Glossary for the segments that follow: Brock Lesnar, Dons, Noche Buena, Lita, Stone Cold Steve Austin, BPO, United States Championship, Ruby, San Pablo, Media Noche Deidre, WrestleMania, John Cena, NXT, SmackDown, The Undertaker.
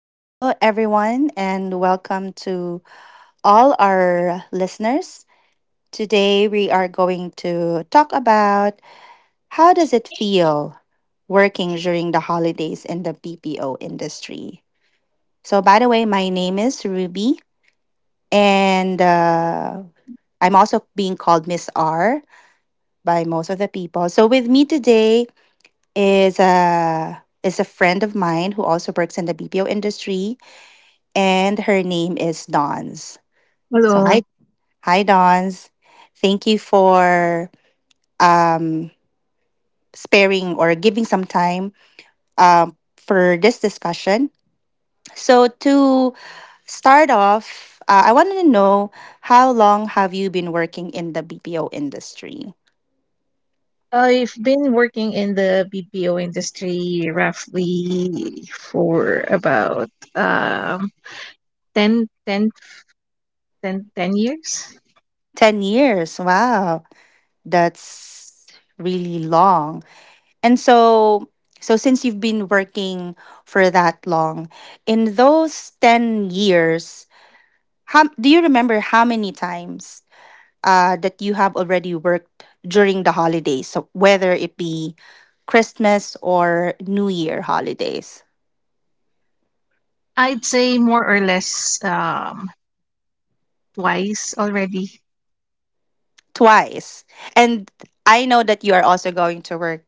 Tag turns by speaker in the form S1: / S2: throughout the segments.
S1: Hello, everyone, and welcome to all our listeners. Today, we are going to talk about how does it feel working during the holidays in the BPO industry. So, by the way, my name is Ruby, and I'm also being called Miss R by most of the people. So, with me today is a friend of mine who also works in the BPO industry, and her name is Dons. So hi,
S2: Hello.
S1: hi Dons. Thank you for um, sparing or giving some time for this discussion. So to start off, I wanted to know how long have you been working in the BPO industry?
S2: I've been working in the BPO industry roughly for about 10, ten, ten, 10 years.
S1: 10 years. Wow, that's really long. And so since you've been working for that long, in those 10 years, how do you remember how many times that you have already worked during the holidays, so whether it be Christmas or New Year holidays?
S2: I'd say more or less twice already.
S1: Twice. And I know that you are also going to work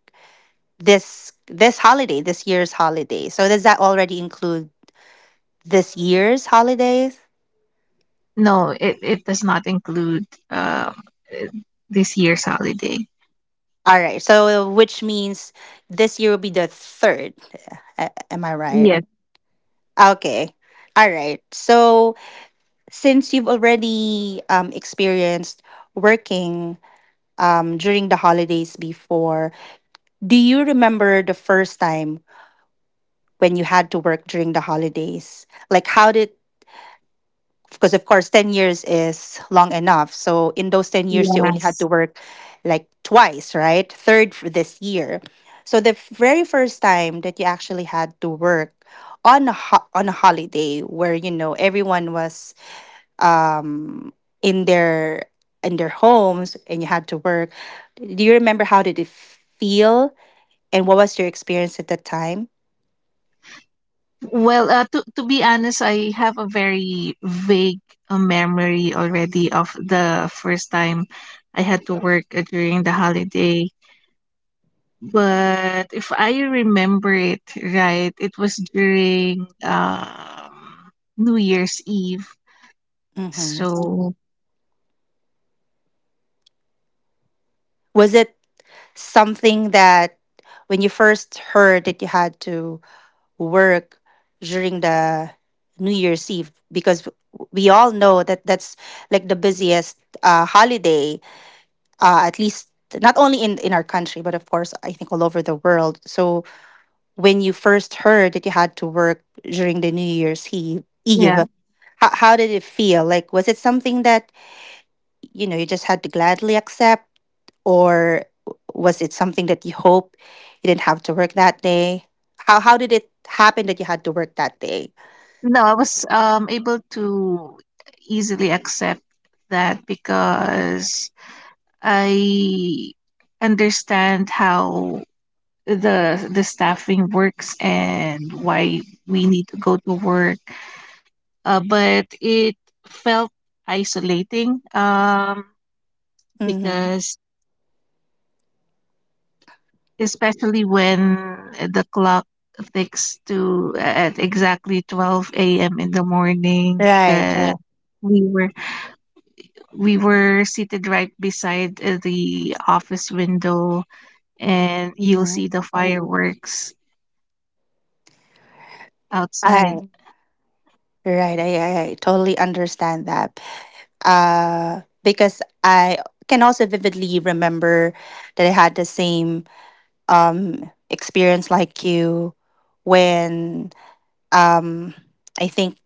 S1: this holiday, this year's holiday. So does that already include this year's holidays?
S2: No, it does not include um, this year's holiday.
S1: All right. So which means this year will be the third. Am I right?
S2: Yes,
S1: Okay. All right. So since you've already experienced working during the holidays before. Do you remember the first time when you had to work during the holidays? Like, how did, because of course, 10 years is long enough. So, in those 10 years, you only had to
S2: yes.
S1: work like twice, right? Third for this year. So, the very first time that you actually had to work on a holiday where, you know, everyone was um, in their in their homes and you had to work. Do you remember how did it feel? And what was your experience at that time?
S2: Well, to be honest, I have a very vague memory already of the first time I had to work during the holiday. But if I remember it right, it was during New Year's Eve.
S1: Hmm.
S2: So
S1: Was it something that when you first heard that you had to work during the New Year's Eve? Because we all know that that's like the busiest holiday, at least not only in our country, but of course, I think all over the world. So when you first heard that you had to work during the New Year's Eve, Eve
S2: yeah,
S1: how, how did it feel? Like, was it something that you know you just had to gladly accept, or was it something that you hope you didn't have to work that day? How did it happen that you had to work that day?
S2: no, I was able to easily accept that because I understand how the staffing works and why we need to go to work, but it felt isolating
S1: Mm-hmm.
S2: because especially when the clock ticks to at exactly 12 a.m. in the morning,
S1: Right.
S2: 'cause
S1: Right.
S2: we were we were seated right beside the office window, and you'll
S1: Mm-hmm.
S2: see the fireworks outside.
S1: I Right, I totally understand that, because I can also vividly remember that I had the same experience like you when um I think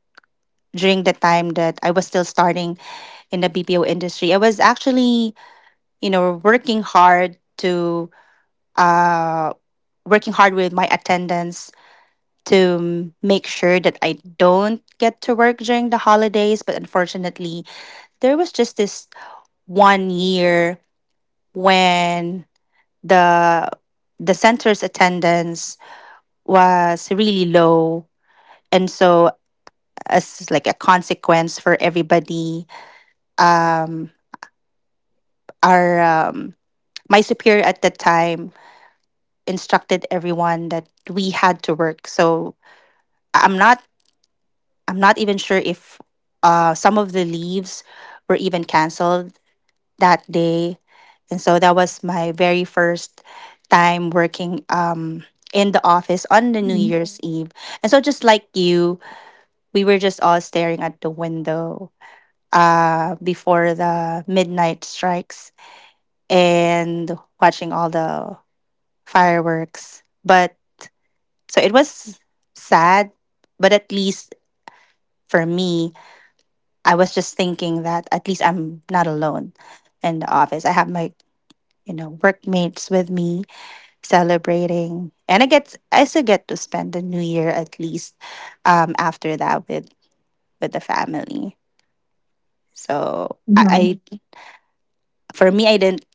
S1: during the time that I was still starting in the BPO industry. I was actually, you know, uh working hard with my attendance to make sure that I don't get to work during the holidays, but unfortunately, there was just this one year when the the center's attendance was really low, and so as like a consequence for everybody, um our my superior at the time instructed everyone that we had to work. So I'm not I'm not even sure if some of the leaves were even canceled that day, and so that was my very first time working in the office on the New
S2: Mhm.
S1: Year's Eve. And so just like you, we were just all staring at the window before the midnight strikes and watching all the fireworks. But So it was sad, but at least for me, I was just thinking that at least I'm not alone in the office. I have my workmates with me celebrating. And I still get to spend the new year at least after that with the family. So
S2: Mhm.
S1: I For me,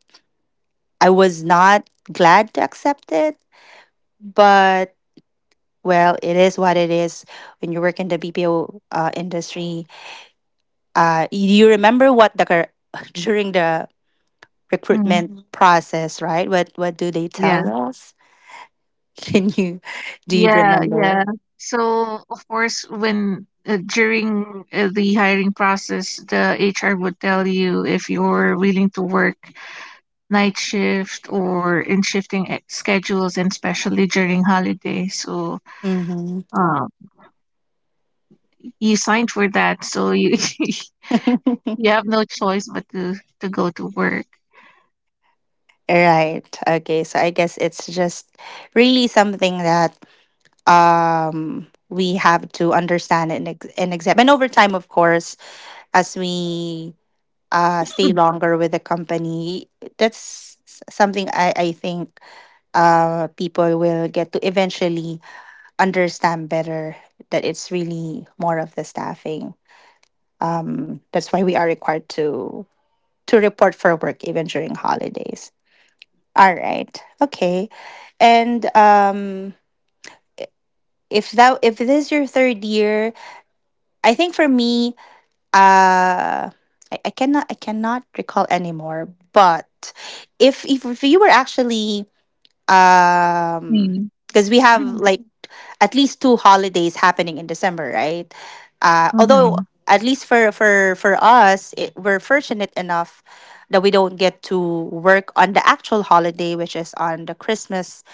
S1: I was not glad to accept it, but well, it is what it is. When you work in the BPO industry, you remember what during the
S2: Mhm.
S1: recruitment, mhm, process, right? What do they
S2: Yeah.
S1: tell us? Can you Do you
S2: Yeah,
S1: remember?
S2: yeah. So, of course, when during the hiring process, the HR would tell you if you're willing to work night shift or in shifting schedules, and especially during holidays. So,
S1: Mm-hmm.
S2: uh, you signed for that, so you you have no choice but to go to work.
S1: Right. Okay. So I guess it's just really something that we have to understand and accept. And over time, of course, as we stay longer with the company. That's something I think people will get to eventually understand better that it's really more of the staffing. That's why we are required to report for work even during holidays. All right. Okay. And if this is your third year, I think for me, uh I cannot recall anymore. But if you were actually, um
S2: Mm.
S1: because we have like at least two holidays happening in December, right? Although
S2: Mm-hmm.
S1: at least for us, we're fortunate enough that we don't get to work on the actual holiday, which is on the Christmas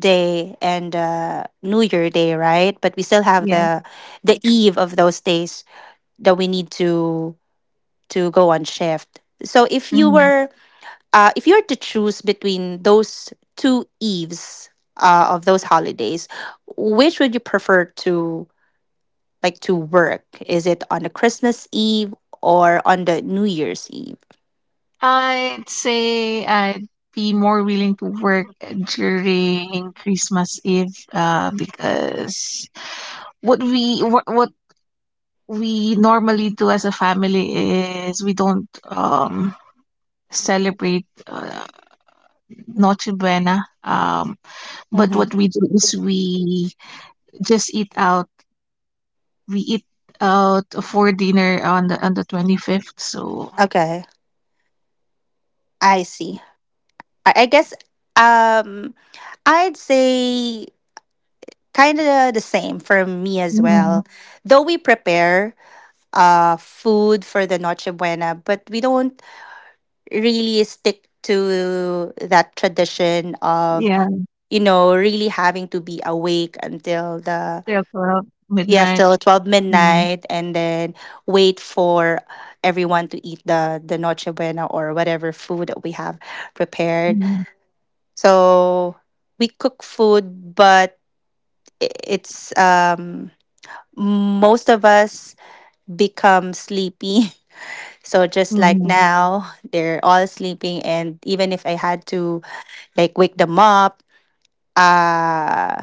S1: day and New Year day, right? But we still have
S2: Yeah.
S1: the eve of those days that we need to go on shift. So if you
S2: Mm-hmm.
S1: were, uh, if you were to choose between those two eves of those holidays, which would you prefer to like to work? Is it on the Christmas Eve or on the New Year's Eve?
S2: I'd say I'd be more willing to work during Christmas Eve because what we normally do as a family is we don't celebrate Noche Buena, but what
S1: Mm-hmm.
S2: we do is we just eat out, we eat for dinner on the 25th. So
S1: Okay, I see. I guess um I'd say kind of the same for me as
S2: mhm,
S1: well. Though we prepare food for the Noche Buena, but we don't really stick to that tradition of
S2: yeah,
S1: really having to be awake until the,
S2: till 12
S1: yeah,
S2: midnight.
S1: till 12 midnight, and then wait for everyone to eat the noche buena or whatever food that we have prepared.
S2: Mm-hmm.
S1: So we cook food, but it's most of us become sleepy. So just like now, they're all sleeping. And even if I had to like wake them up, uh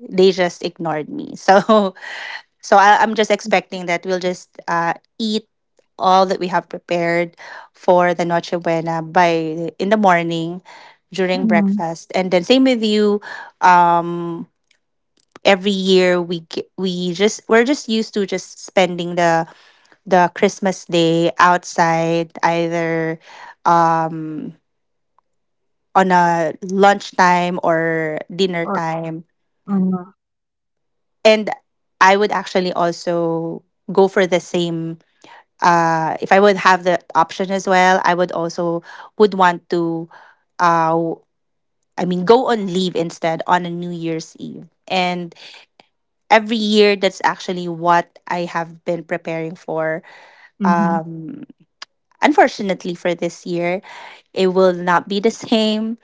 S1: they just ignored me, so so I'm just expecting that we'll just eat all that we have prepared for the noche buena by in the morning during
S2: Mhm.
S1: breakfast, and then same with you. um every year, we're just used to just spending the Christmas day outside, either um on a lunchtime or dinner
S2: Or
S1: time.
S2: mhm,
S1: And I would actually also go for the same, if I would have the option as well, I would also would want to, uh I mean, go on leave instead on a New Year's Eve. And every year that's actually what I have been preparing for.
S2: mhm.
S1: Um Unfortunately for this year, it will not be the same.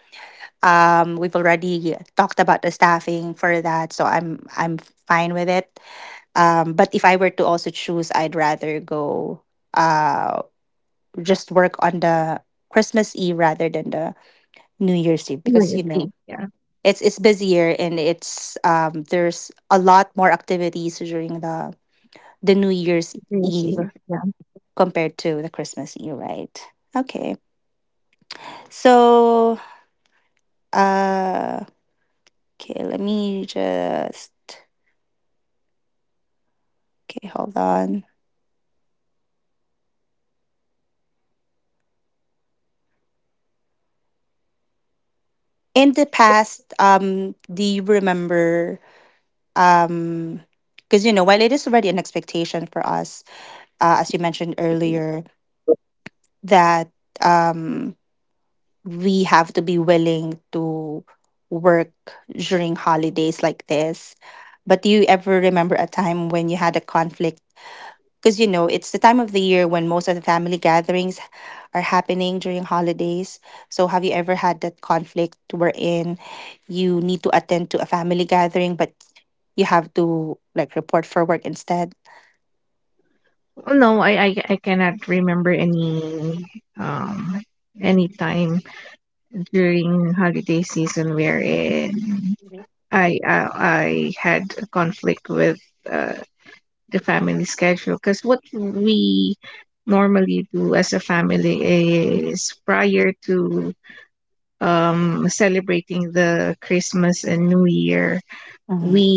S1: We've already talked about the staffing for that, so I'm fine with it. But if I were to also choose, I'd rather go uh just work on the Christmas Eve rather than the New Year's Eve, because you know
S2: Seriously, yeah,
S1: it's busier, and it's there's a lot more activities during the New Year's Eve
S2: seriously, yeah.
S1: compared to the Christmas Eve, right? Okay. So uh okay, let me just okay, hold on. In the past, do you remember, um because you know while it is already an expectation for us, as you mentioned earlier, that um we have to be willing to work during holidays like this, but do you ever remember a time when you had a conflict? Because you know it's the time of the year when most of the family gatherings are happening during holidays. So have you ever had that conflict wherein you need to attend to a family gathering, but you have to like report for work instead?
S2: Oh, no, I cannot remember um any time during holiday season wherein
S1: Mhm.
S2: I had a conflict with uh, the family schedule, because what we normally do as a family is, prior to celebrating the Christmas and New Year, we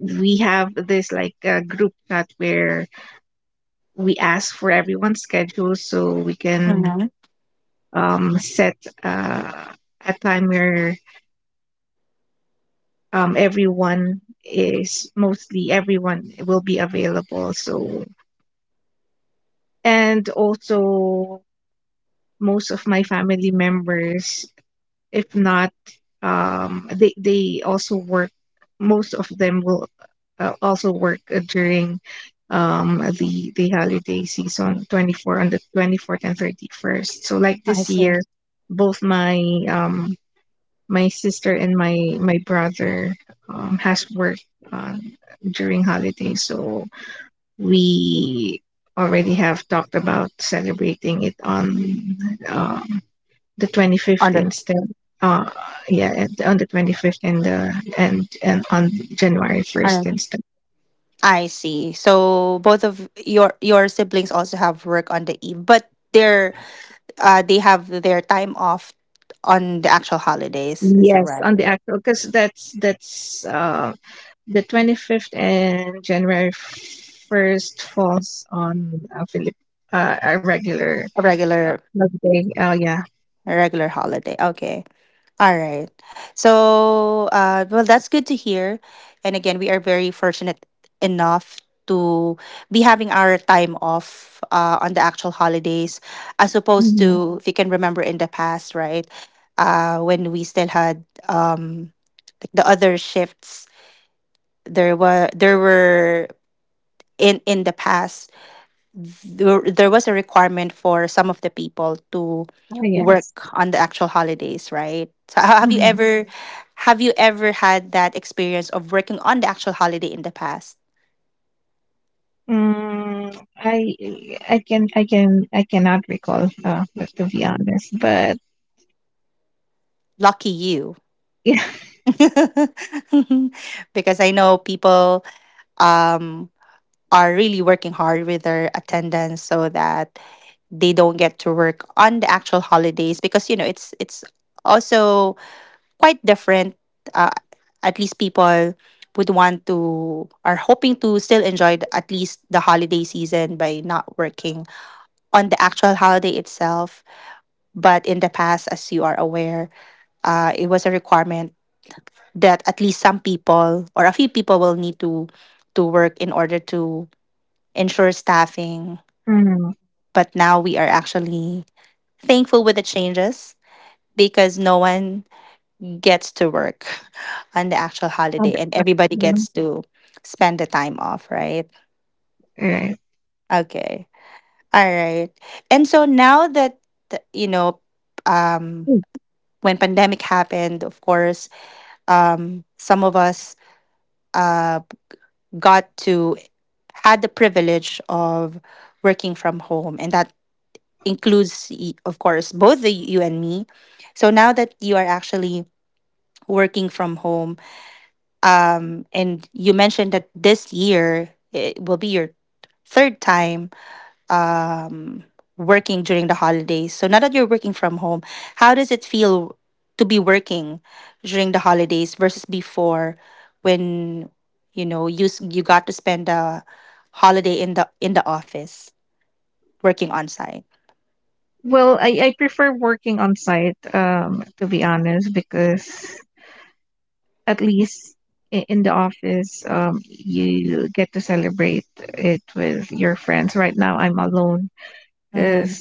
S2: we have this like group chat where we ask for everyone's schedule, so we can
S1: Mm-hmm.
S2: set uh, a time where everyone is, mostly everyone will be available. So, and also, most of my family members, if not, they also work. Most of them will also work during the holiday season, 24, on the 24th and 31st, so like
S1: I
S2: this
S1: see.
S2: year both um my sister and my brother has worked uh, during holidays. So we already have talked about celebrating it on um the 25th
S1: On the
S2: instead. Uh, yeah, on the 25th and the and on January 1st
S1: on
S2: instead.
S1: I see, so both of your siblings also have work on the eve, but their they have their time off on the actual holidays. Is that
S2: Yes, on
S1: right?
S2: the actual, because that's the 25th and January 1st falls on a regular
S1: A regular,
S2: holiday. Oh yeah.
S1: a regular holiday. Okay. All right. So, well, that's good to hear. And again, we are very fortunate enough to be having our time off on the actual holidays, as opposed
S2: Hmm.
S1: to if you can remember in the past, right? When we still had, like, the other shifts, there were in the past, there was a requirement for some of the people to
S2: Oh,
S1: work
S2: yes.
S1: on the actual holidays, right? So ha- have you
S2: Hmm.
S1: ever have you ever had that experience of working on the actual holiday in the past?
S2: Mm, I I cannot recall, but to be honest, but
S1: Lucky you. Because I know people um are really working hard with their attendance so that they don't get to work on the actual holidays, because you know it's also quite different. Uh, at least people would want to are hoping to still enjoy at least the holiday season by not working on the actual holiday itself. But in the past, as you are aware, it was a requirement that at least some people or a few people will need to work in order to ensure staffing.
S2: mm.
S1: But now we are actually thankful with the changes because no one gets to work on the actual
S2: Oh,
S1: holiday
S2: that-
S1: and
S2: that's
S1: everybody
S2: good.
S1: gets to spend the time off, right?
S2: Right.
S1: Okay. All right. And so now that you know um
S2: Mm.
S1: when pandemic happened, of course, some of us uh got to had the privilege of working from home, and that includes of course both the you and me. So now that you are actually working from home. And you mentioned that this year it will be your third time working during the holidays. So now that you're working from home, how does it feel to be working during the holidays versus before when you got to spend a holiday in the office working on site?
S2: Well, I prefer working on site, to be honest, because at least, in the office, you get to celebrate it with your friends. Right now, I'm alone,
S1: Mm-hmm.
S2: because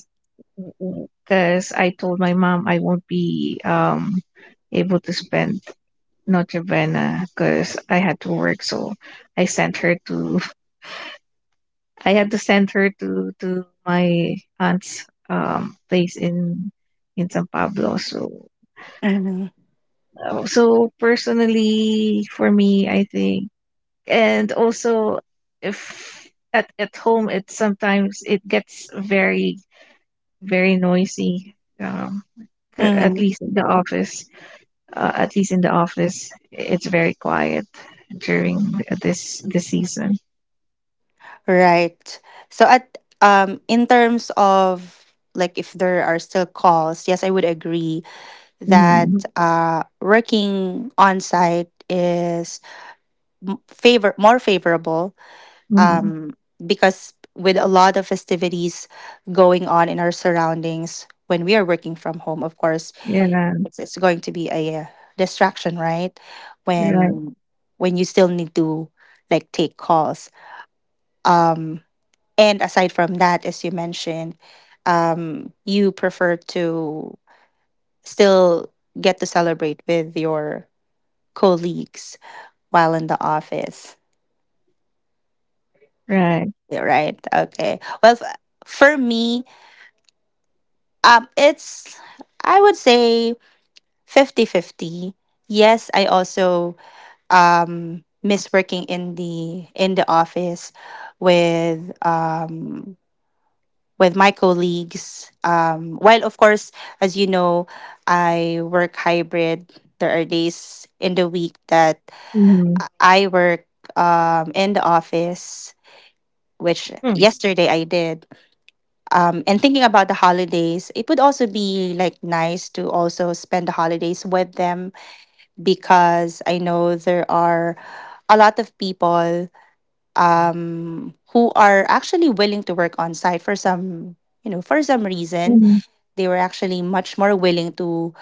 S2: I told my mom I won't be able to spend Notre Bene because I had to work. So I sent her to I had to send her to my aunt's place in San Pablo. So
S1: Mm-hmm.
S2: so personally for me, I think, and also, if at home, it sometimes it gets very very noisy. Um, c- at
S1: Mm-hmm.
S2: least in the office at least in the office, it's very quiet during this season.
S1: Right. So at in terms of, like, if there are still calls, yes, I would agree
S2: Mm-hmm.
S1: that working on site is m- favor more favorable,
S2: Mm-hmm.
S1: um, because with a lot of festivities going on in our surroundings when we are working from home, of course
S2: Yeah,
S1: it's going to be a distraction, right,
S2: right,
S1: when when you still need to, like, take calls, um and aside from that, as you mentioned, you prefer to still get to celebrate with your colleagues while in the office,
S2: right.
S1: yeah, right? Okay. Well, for me, um, it's, I would say 50-50. Yes, I also miss working in the office with um, with my colleagues. While, of course, as you know, I work hybrid. There are days in the week that
S2: Mm-hmm.
S1: I work in the office, which yesterday I did. And thinking about the holidays, it would also be, like, nice to also spend the holidays with them, because I know there are a lot of people who are actually willing to work on site for some reason.
S2: Mm-hmm.
S1: They were actually much more willing to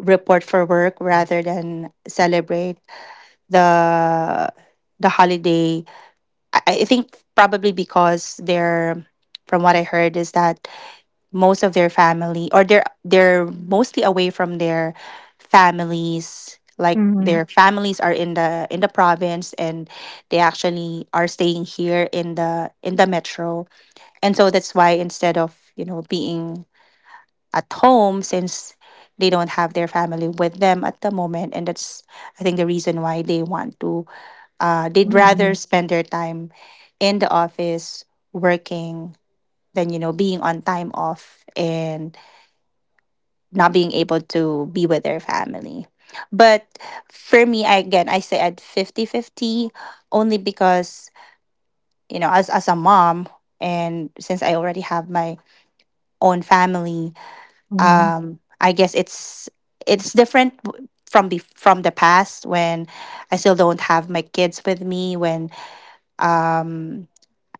S1: report for work rather than celebrate the holiday. I think probably because they're from what I heard is that most of their family, or they're mostly away from their families, like
S2: Mm-hmm.
S1: their families are in the province and they actually are staying here in the metro, and so that's why, instead of being at home, since they don't have their family with them at the moment, and that's, I think, the reason why they want to they'd rather
S2: Mm-hmm.
S1: spend their time in the office working than being on time off and not being able to be with their family. But for me, I, again, I say at 50-50, only because, as a mom, and since I already have my own family,
S2: Mm-hmm.
S1: I guess it's different from from the past, when I still don't have my kids with me, when um,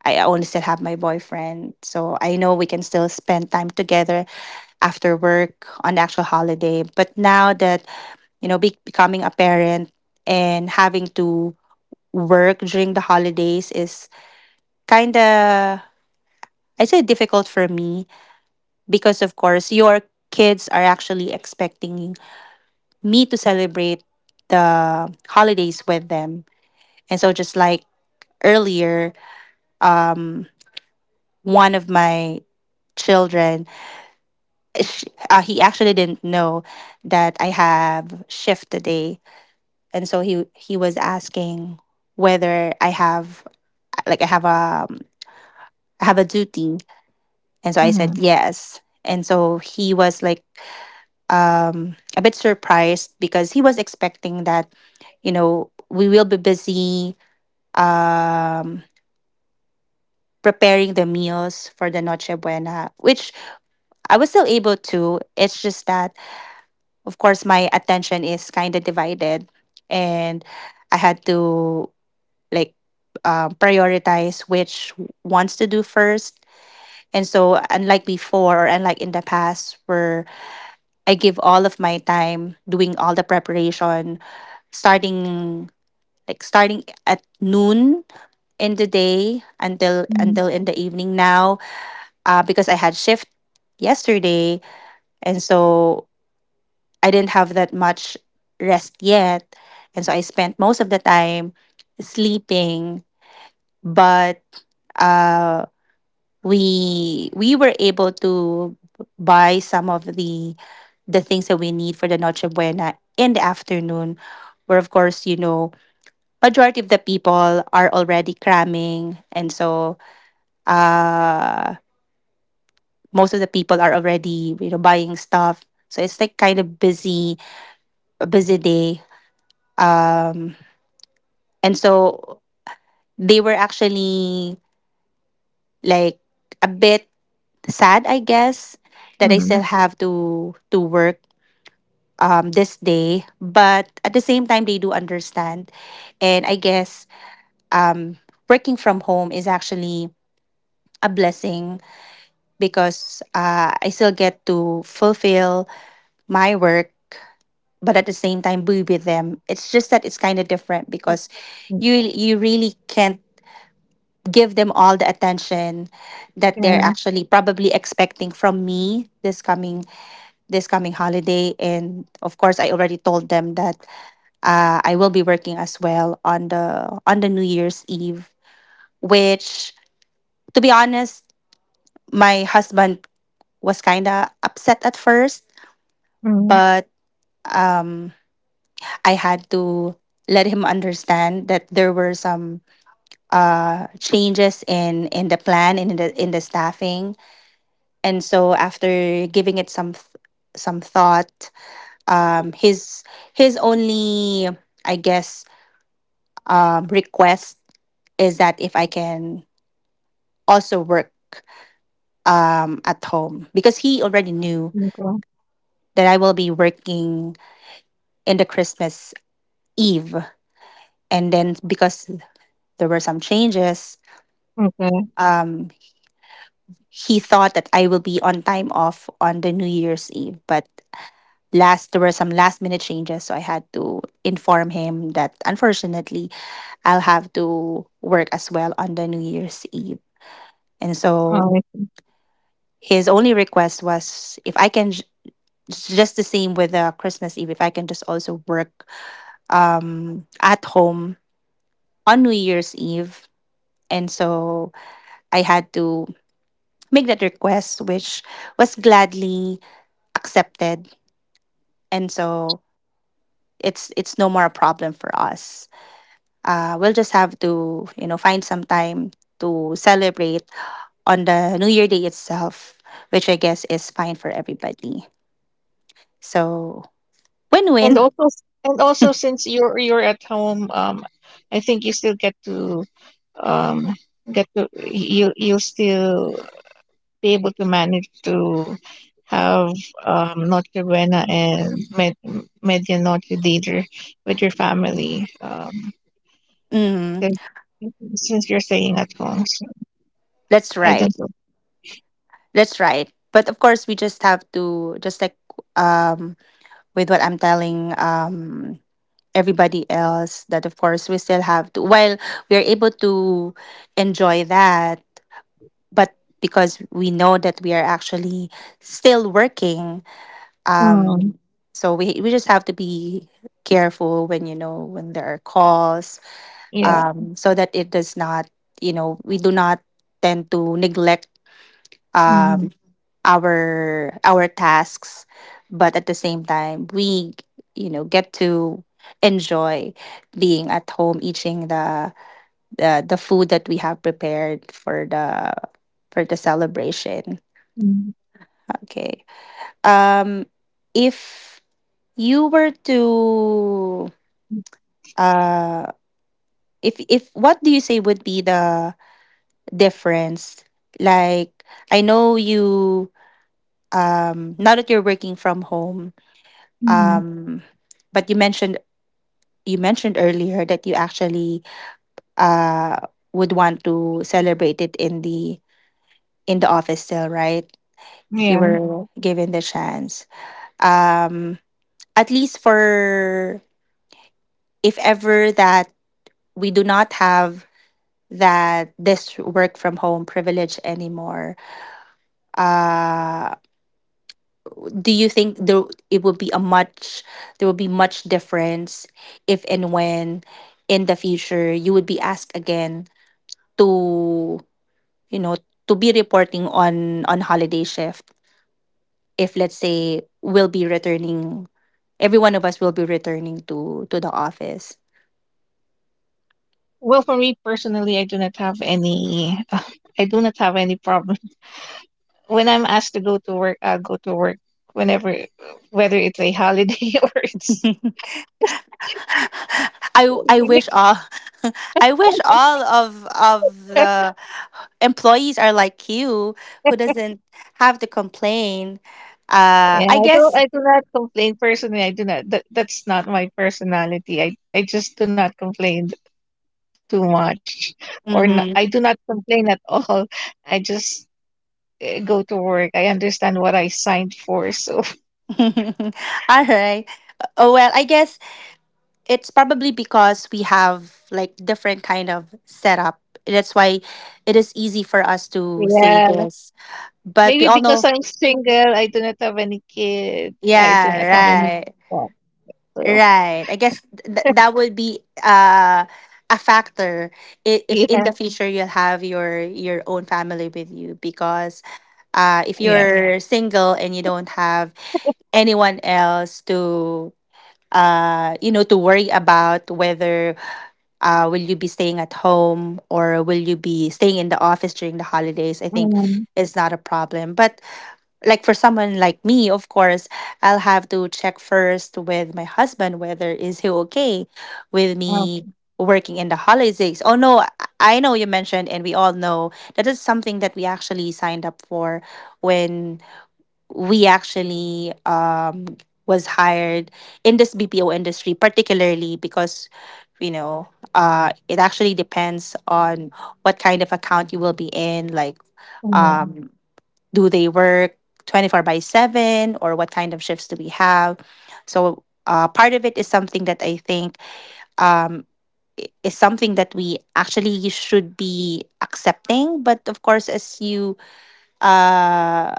S1: I only still have my boyfriend. So I know we can still spend time together after work on the actual holiday. But now that, becoming a parent and having to work during the holidays, is kind of, I'd say, difficult for me, because, of course, your kids are actually expecting me to celebrate the holidays with them. And so, just like earlier, um, one of my children, sh he actually didn't know that I have shift today. And so he was asking whether I have like I have a duty, and so I said yes. And so he was like, a bit surprised, because he was expecting that we will be busy um, preparing the meals for the Noche Buena, which I was still able to. It's just that, of course, my attention is kind of divided, and I had to, like, prioritize which wants to do first. And so, unlike before, or unlike in the past, where I give all of my time doing all the preparation, starting starting at noon in the day, until
S2: Mm-hmm.
S1: until in the evening now, because I had shift yesterday, and so I didn't have that much rest yet, and so I spent most of the time sleeping. But uh, we were able to buy some of the things that we need for the Noche Buena in the afternoon, where, of course, majority of the people are already cramming. And so, uh, most of the people are already, buying stuff. So it's, like, kind of busy, a busy day. Um, and so they were actually, like, a bit sad, I guess, that I
S2: Mm-hmm.
S1: still have to work this day. But at the same time, they do understand, and I guess um, working from home is actually a blessing, because I still get to fulfill my work, but at the same time be with them. It's just that it's kind of different because
S2: Mm-hmm.
S1: you really can't give them all the attention that
S2: Yeah.
S1: they're actually probably expecting from me this coming holiday. And of course I already told them that I will be working as well on the New Year's Eve, which, to be honest, my husband was kind of upset at first,
S2: Mm-hmm.
S1: but um, I had to let him understand that there were some changes in the plan and in the staffing. And so, after giving it some some thought, um, his his only, I guess, request is that if I can also work at home, because he already knew
S2: Okay.
S1: that I will be working in the Christmas Eve. And then, because there were some changes,
S2: Okay.
S1: um, he thought that I will be on time off on the New Year's Eve. But last there were some last minute changes, so I had to inform him that, unfortunately, I'll have to work as well on the New Year's Eve. And
S2: All
S1: so
S2: right.
S1: his only request was, if I can just the same with the Christmas Eve, if I can just also work at home on New Year's Eve. And so I had to make that request, which was gladly accepted. And so it's no more a problem for us. We'll just have to, find some time to celebrate on the New Year Day itself, which I guess is fine for everybody. So, win
S2: And
S1: win.
S2: also, and also, since you're at home, I think you still um get to you'll still be able to manage to have Notre Buena and Media Noche Deidre with your family,
S1: Mm,
S2: since since you're staying at home. So
S1: that's
S2: I
S1: right.
S2: don't know.
S1: That's right. But of course, we just have to, just like, um with what I'm telling, everybody else, that of course we still have to, while we're able to enjoy that, but because we know that we are actually still working,
S2: Mm,
S1: um so we just have to be careful when you know when there are calls,
S2: yeah.
S1: so that it does not you know we do not tend to neglect um
S2: Mm,
S1: our tasks, but at the same time we, get to enjoy being at home, eating the food that we have prepared for the celebration.
S2: mm,
S1: Okay. um if you were to, uh if what do you say would be the difference, like, I know you, now that you're working from home.
S2: mm.
S1: Um, but you mentioned earlier that you actually uh would want to celebrate it in the office still, right? If you
S2: Yeah.
S1: were given the chance. Um, at least, for if ever that we do not have that this work from home privilege anymore. Uh do you think it would be a much there would be much difference if and when in the future you would be asked again to, you know to be reporting on holiday shift, if, let's say, we'll be returning every one of us will be returning to the office.
S2: Well, for me personally, I do not have any. I do not have any problem when I'm asked to go to work. I'll go to work whenever, whether it's a holiday or it's.
S1: I wish all I wish all of the employees are like you, who doesn't have to complain,
S2: Yeah,
S1: I
S2: I don't.
S1: guess.
S2: I do not complain personally. I do not. That's not my personality. I just do not complain too much, or n I
S1: Mm-hmm.
S2: do not complain at all. I just go to work. I understand what I signed for, so
S1: All right. Oh well, I guess it's probably because we have, like, different kind of setup. That's why it is easy for us to say
S2: yeah.
S1: this. But we
S2: Maybe
S1: all
S2: because
S1: know,
S2: I'm single, I do not have any kid. I do
S1: yeah,
S2: not have any
S1: right,
S2: job. So
S1: right. I guess that would be a factor, if in
S2: yeah,
S1: the future you'll have your own family with you, because if
S2: yeah.
S1: you're single and you don't have anyone else to to worry about whether will you be staying at home or will you be staying in the office during the holidays. I think
S2: Mm,
S1: is not a problem. But, like, for someone like me, of course, I'll have to check first with my husband whether is he okay with me
S2: okay.
S1: working in the holidays. Oh no, I know you mentioned, and we all know, that is something that we actually signed up for when we actually was hired in this BPO industry, particularly because you know it actually depends on what kind of account you will be in. Like,
S2: Mm,
S1: um, do they work 24/7, or what kind of shifts do we have? So part of it is something that I think. Um, is something that we actually should be accepting, but of course, uh,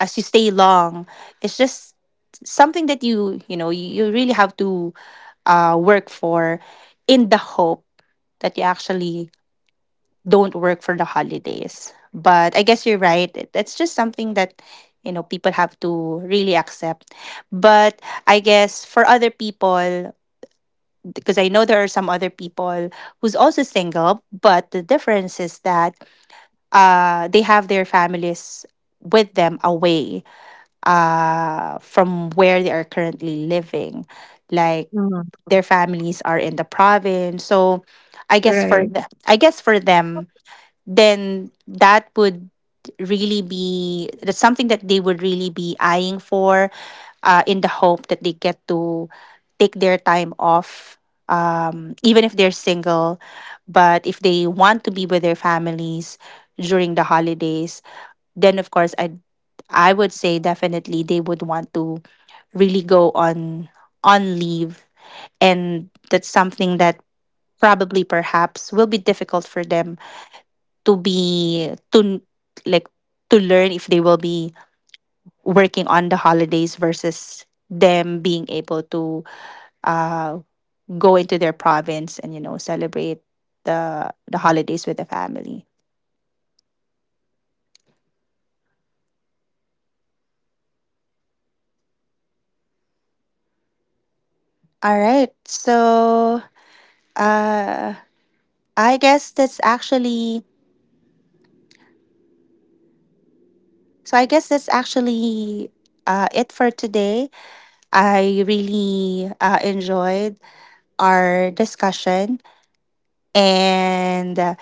S1: as you stay long, it's just something that you really have to, work for, in the hope that you actually don't work for the holidays, but I guess you're right. That's just something that, people have to really accept. But I guess for other people, because I know there are some other people who's also single, but the difference is that they have their families with them away from where they are currently living. Like,
S2: mm,
S1: their families are in the province, so I guess for
S2: right.
S1: the, I guess for them, then that's something that they would really be eyeing for, in the hope that they get to take their time off. Even if they're single, but if they want to be with their families during the holidays, then of course I would say definitely they would want to really go on leave, and that's something that probably perhaps will be difficult for them to be to like to learn if they will be working on the holidays versus them being able to uh go into their province and, celebrate the holidays with the family. All right. So, uh I guess that's actually So I guess that's actually it for today. I really enjoyed our discussion. And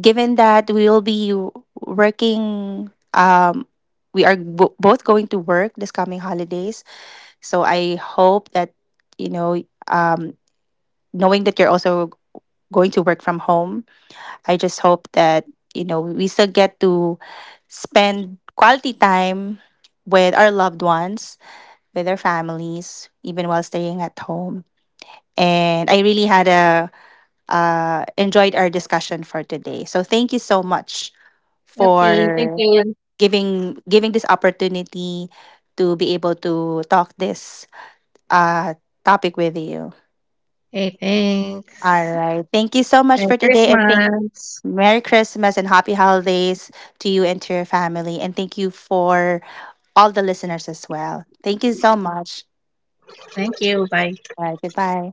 S1: given that we will be working, we are both going to work this coming holidays. So I hope that, you know, um, knowing that you're also going to work from home, I just hope that, we still get to spend quality time with our loved ones, with their families, even while staying at home. And I really had a enjoyed our discussion for today. So thank you so much
S2: Okay, thank
S1: for
S2: you.
S1: giving this opportunity to be able to talk this uh, topic with you.
S2: Hey,
S1: All
S2: thanks.
S1: right. Thank you so much
S2: Merry
S1: for today, and thank
S2: Christmas.
S1: Merry Christmas and happy holidays to you and to your family. And thank you for all the listeners as well. Thank you so much.
S2: Thank you. Bye.
S1: All right, goodbye.